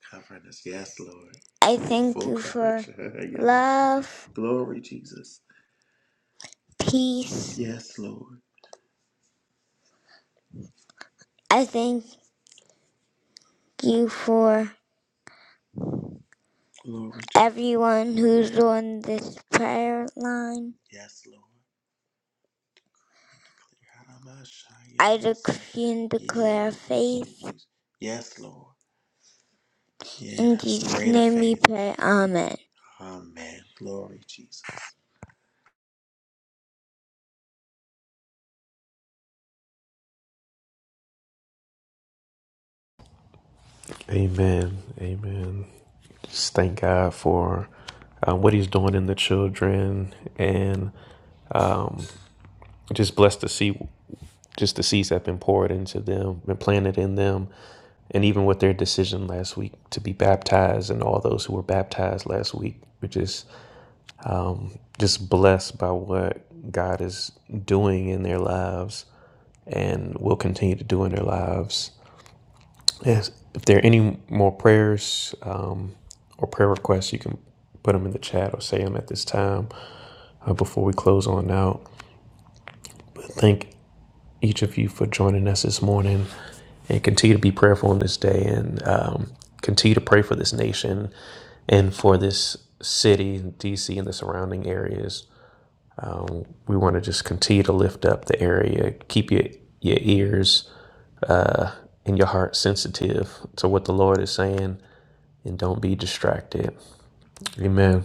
[SPEAKER 2] Cover us, yes, Lord. I thank Full you for coverage. Yes. love. Glory, Jesus. Peace. Yes, Lord. I thank you for Glory to Everyone who's on this prayer line, Yes, Lord. I Yes. decree and declare faith. Yes. Yes, Lord. Yes. In Yes. Jesus' Greater name we pray. Amen. Amen. Glory, Jesus.
[SPEAKER 1] Amen. Amen. Just thank God for uh, what He's doing in the children and um, just blessed to see just the seeds that have been poured into them, been planted in them, and even with their decision last week to be baptized and all those who were baptized last week, which is um, just blessed by what God is doing in their lives and will continue to do in their lives. Yes, if there are any more prayers um, or prayer requests, you can put them in the chat or say them at this time uh, before we close on out. Thank each of you for joining us this morning and continue to be prayerful on this day and um, continue to pray for this nation and for this city, DC, and the surrounding areas. Um, we want to just continue to lift up the area, keep your, your ears uh, and your heart sensitive to what the Lord is saying, and don't be distracted. Amen.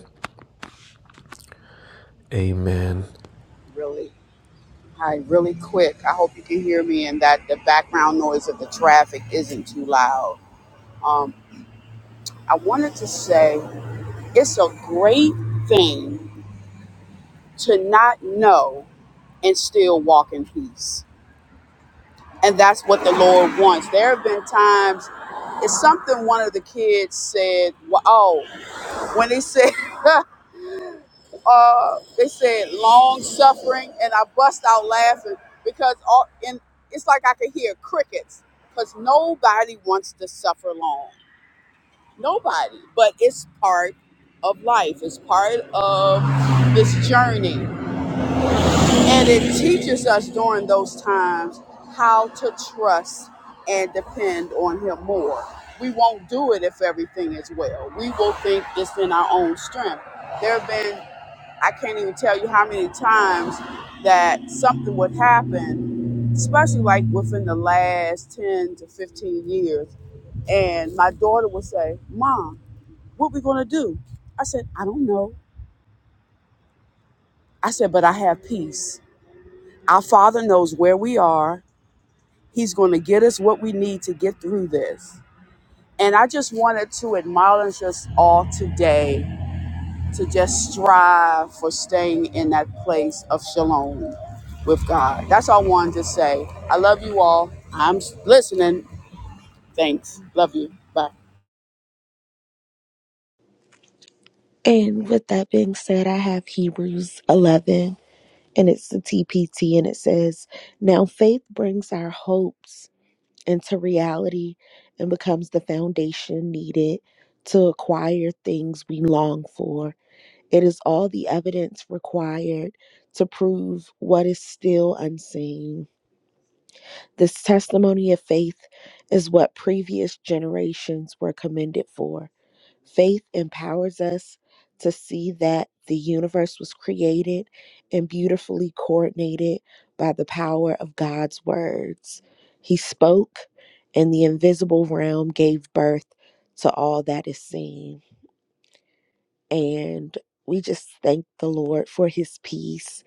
[SPEAKER 1] Amen.
[SPEAKER 6] Really, hi, really quick. I hope you can hear me and that the background noise of the traffic isn't too loud. Um, I wanted to say it's a great thing to not know and still walk in peace. And that's what the Lord wants. There have been times, it's something one of the kids said, well, oh, when they said, uh, they said long suffering, and I bust out laughing because all, and it's like I could hear crickets because nobody wants to suffer long. Nobody, but it's part of life. It's part of this journey. And it teaches us during those times how to trust and depend on Him more. We won't do it if everything is well. We will think it's in our own strength. There have been, I can't even tell you how many times that something would happen, especially like within the last 10 to 15 years. And my daughter would say, Mom, what we going to do? I said, I don't know. I said, but I have peace. Our Father knows where we are He's going to get us what we need to get through this. And I just wanted to admonish us all today to just strive for staying in that place of shalom with God. That's all I wanted to say. I love you all. I'm listening. Thanks. Love you. Bye.
[SPEAKER 7] And with that being said, I have Hebrews 11 and it's the TPT and it says, Now faith brings our hopes into reality and becomes the foundation needed to acquire things we long for. It is all the evidence required to prove what is still unseen. This testimony of faith is what previous generations were commended for. Faith empowers us to see that the universe was created and beautifully coordinated by the power of God's words. He spoke, and the invisible realm gave birth to all that is seen. And we just thank the Lord for his peace.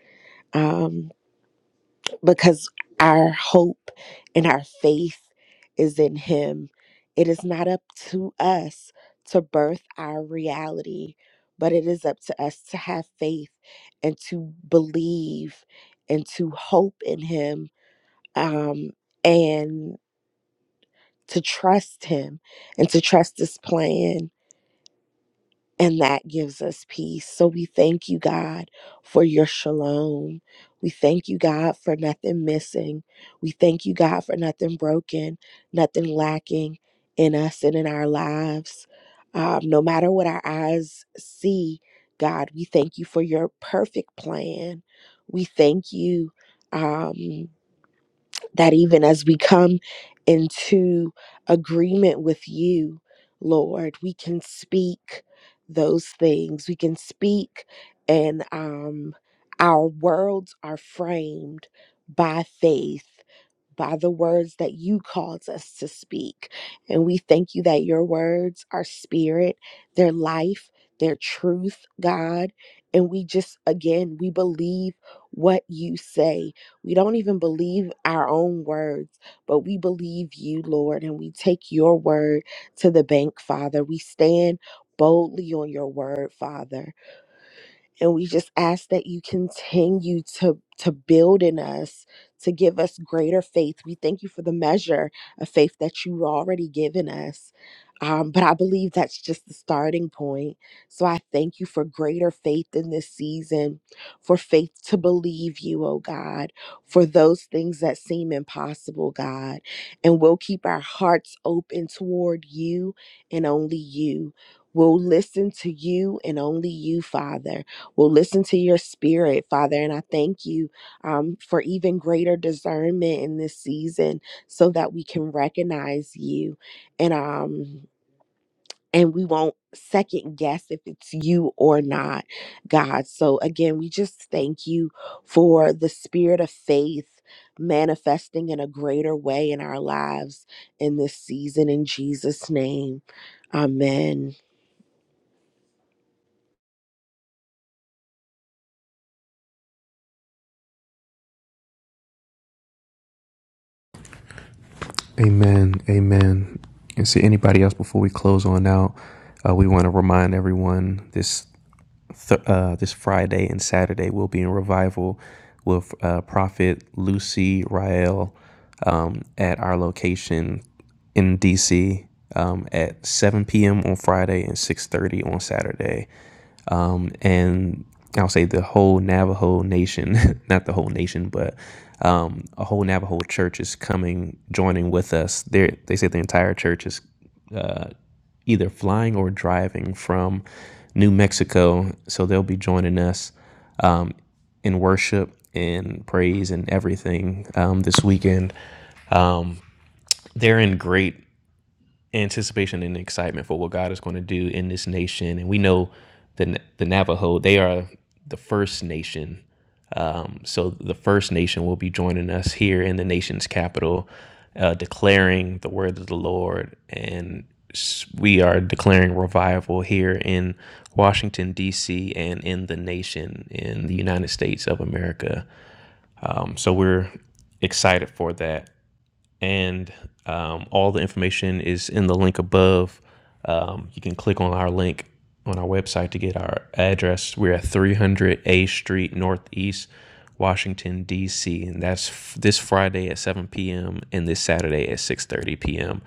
[SPEAKER 7] Um, because our hope and our faith is in Him. It is not up to us to birth our reality, but it is up to us to have faith and to believe and to hope in Him um, and to trust Him and to trust His plan and that gives us peace. So we thank you, God, for your shalom. We thank you, God, for nothing missing. We thank you, God, for nothing broken, nothing lacking in us and in our lives. Um, no matter what our eyes see, God, we thank you for your perfect plan. We thank you. Um, that even as we come into agreement with you, Lord, we can speak those things. We can speak, and um, our worlds are framed by faith by the words that you cause us to speak. And we thank you that your words are spirit, their life, their truth, God. And we just, again, we believe what you say. We don't even believe our own words, but we believe you, Lord. And we take your word to the bank, Father. We stand boldly on your word, Father and we just ask that you continue to to build in us to give us greater faith we thank you for the measure of faith that you've already given us um, but i believe that's just the starting point so i thank you for greater faith in this season for faith to believe you oh god for those things that seem impossible god and we'll keep our hearts open toward you and only you we'll listen to you and only you father will listen to your spirit, Father. And I thank you um, for even greater discernment in this season so that we can recognize you and um and we won't second guess if it's you or not, God. So again, we just thank you for the spirit of faith manifesting in a greater way in our lives in this season in Jesus' name. Amen.
[SPEAKER 1] Amen. Amen. And see anybody else before we close on out. Uh, we want to remind everyone this th- uh, this Friday and Saturday we'll be in revival with uh, Prophet Lucy Rael at our location in DC um, at 7 p.m. on Friday and 6:30 on Saturday. And I'll say the whole Navajo nation, not the whole nation, but um, a whole Navajo church is coming, joining with us. They they say the entire church is either flying or driving from New Mexico. So they'll be joining us in worship and praise and everything um, this weekend. They're in great anticipation and excitement for what God is going to do in this nation. And we know the, the Navajo, they are the first nation So the First Nation will be joining us here in the nation's capital, uh, declaring the word of the Lord. And we are declaring revival here in Washington, D.C., and in the nation, in the United States of America. Um, so we're excited for that and um, all the information is in the link above. Um, you can click on our link on our website to get our address. We're at 300 A Street Northeast, Washington D.C., and that's f- this Friday at 7 p.m. and this Saturday at 6:30 p.m.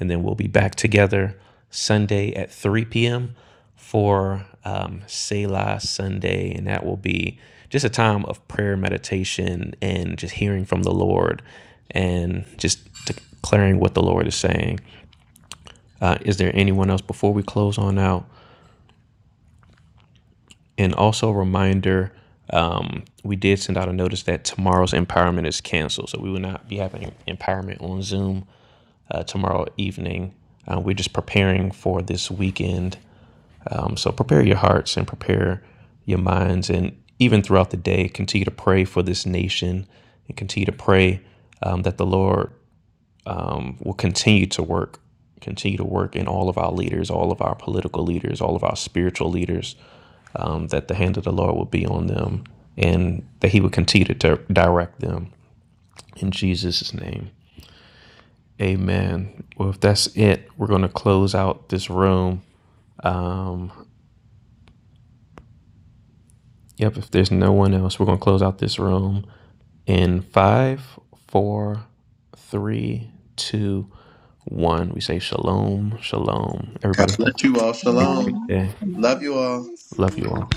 [SPEAKER 1] And then we'll be back together Sunday at 3 p.m for um, Selah Sunday, and that will be just a time of prayer, meditation, and just hearing from the Lord and just declaring what the Lord is saying. Uh, is there anyone else before we close on out? And also, a reminder um, we did send out a notice that tomorrow's empowerment is canceled, so we will not be having empowerment on Zoom uh, tomorrow evening. Uh, we're just preparing for this weekend Um, so prepare your hearts and prepare your minds. And even throughout the day, continue to pray for this nation and continue to pray um, that the Lord um, will continue to work, continue to work in all of our leaders, all of our political leaders, all of our spiritual leaders, um, that the hand of the Lord will be on them and that He would continue to direct them. In Jesus' name, amen. Well, if that's it, we're going to close out this room. Yep, if there's no one else, we're going to close out this room. In five, four, three, two, one, we say shalom, shalom.
[SPEAKER 2] God
[SPEAKER 1] Everybody have
[SPEAKER 2] bless you all.
[SPEAKER 1] a
[SPEAKER 2] Shalom.
[SPEAKER 1] great
[SPEAKER 8] Amen.
[SPEAKER 1] day.
[SPEAKER 8] Amen.
[SPEAKER 2] Love you all.
[SPEAKER 1] Love you all.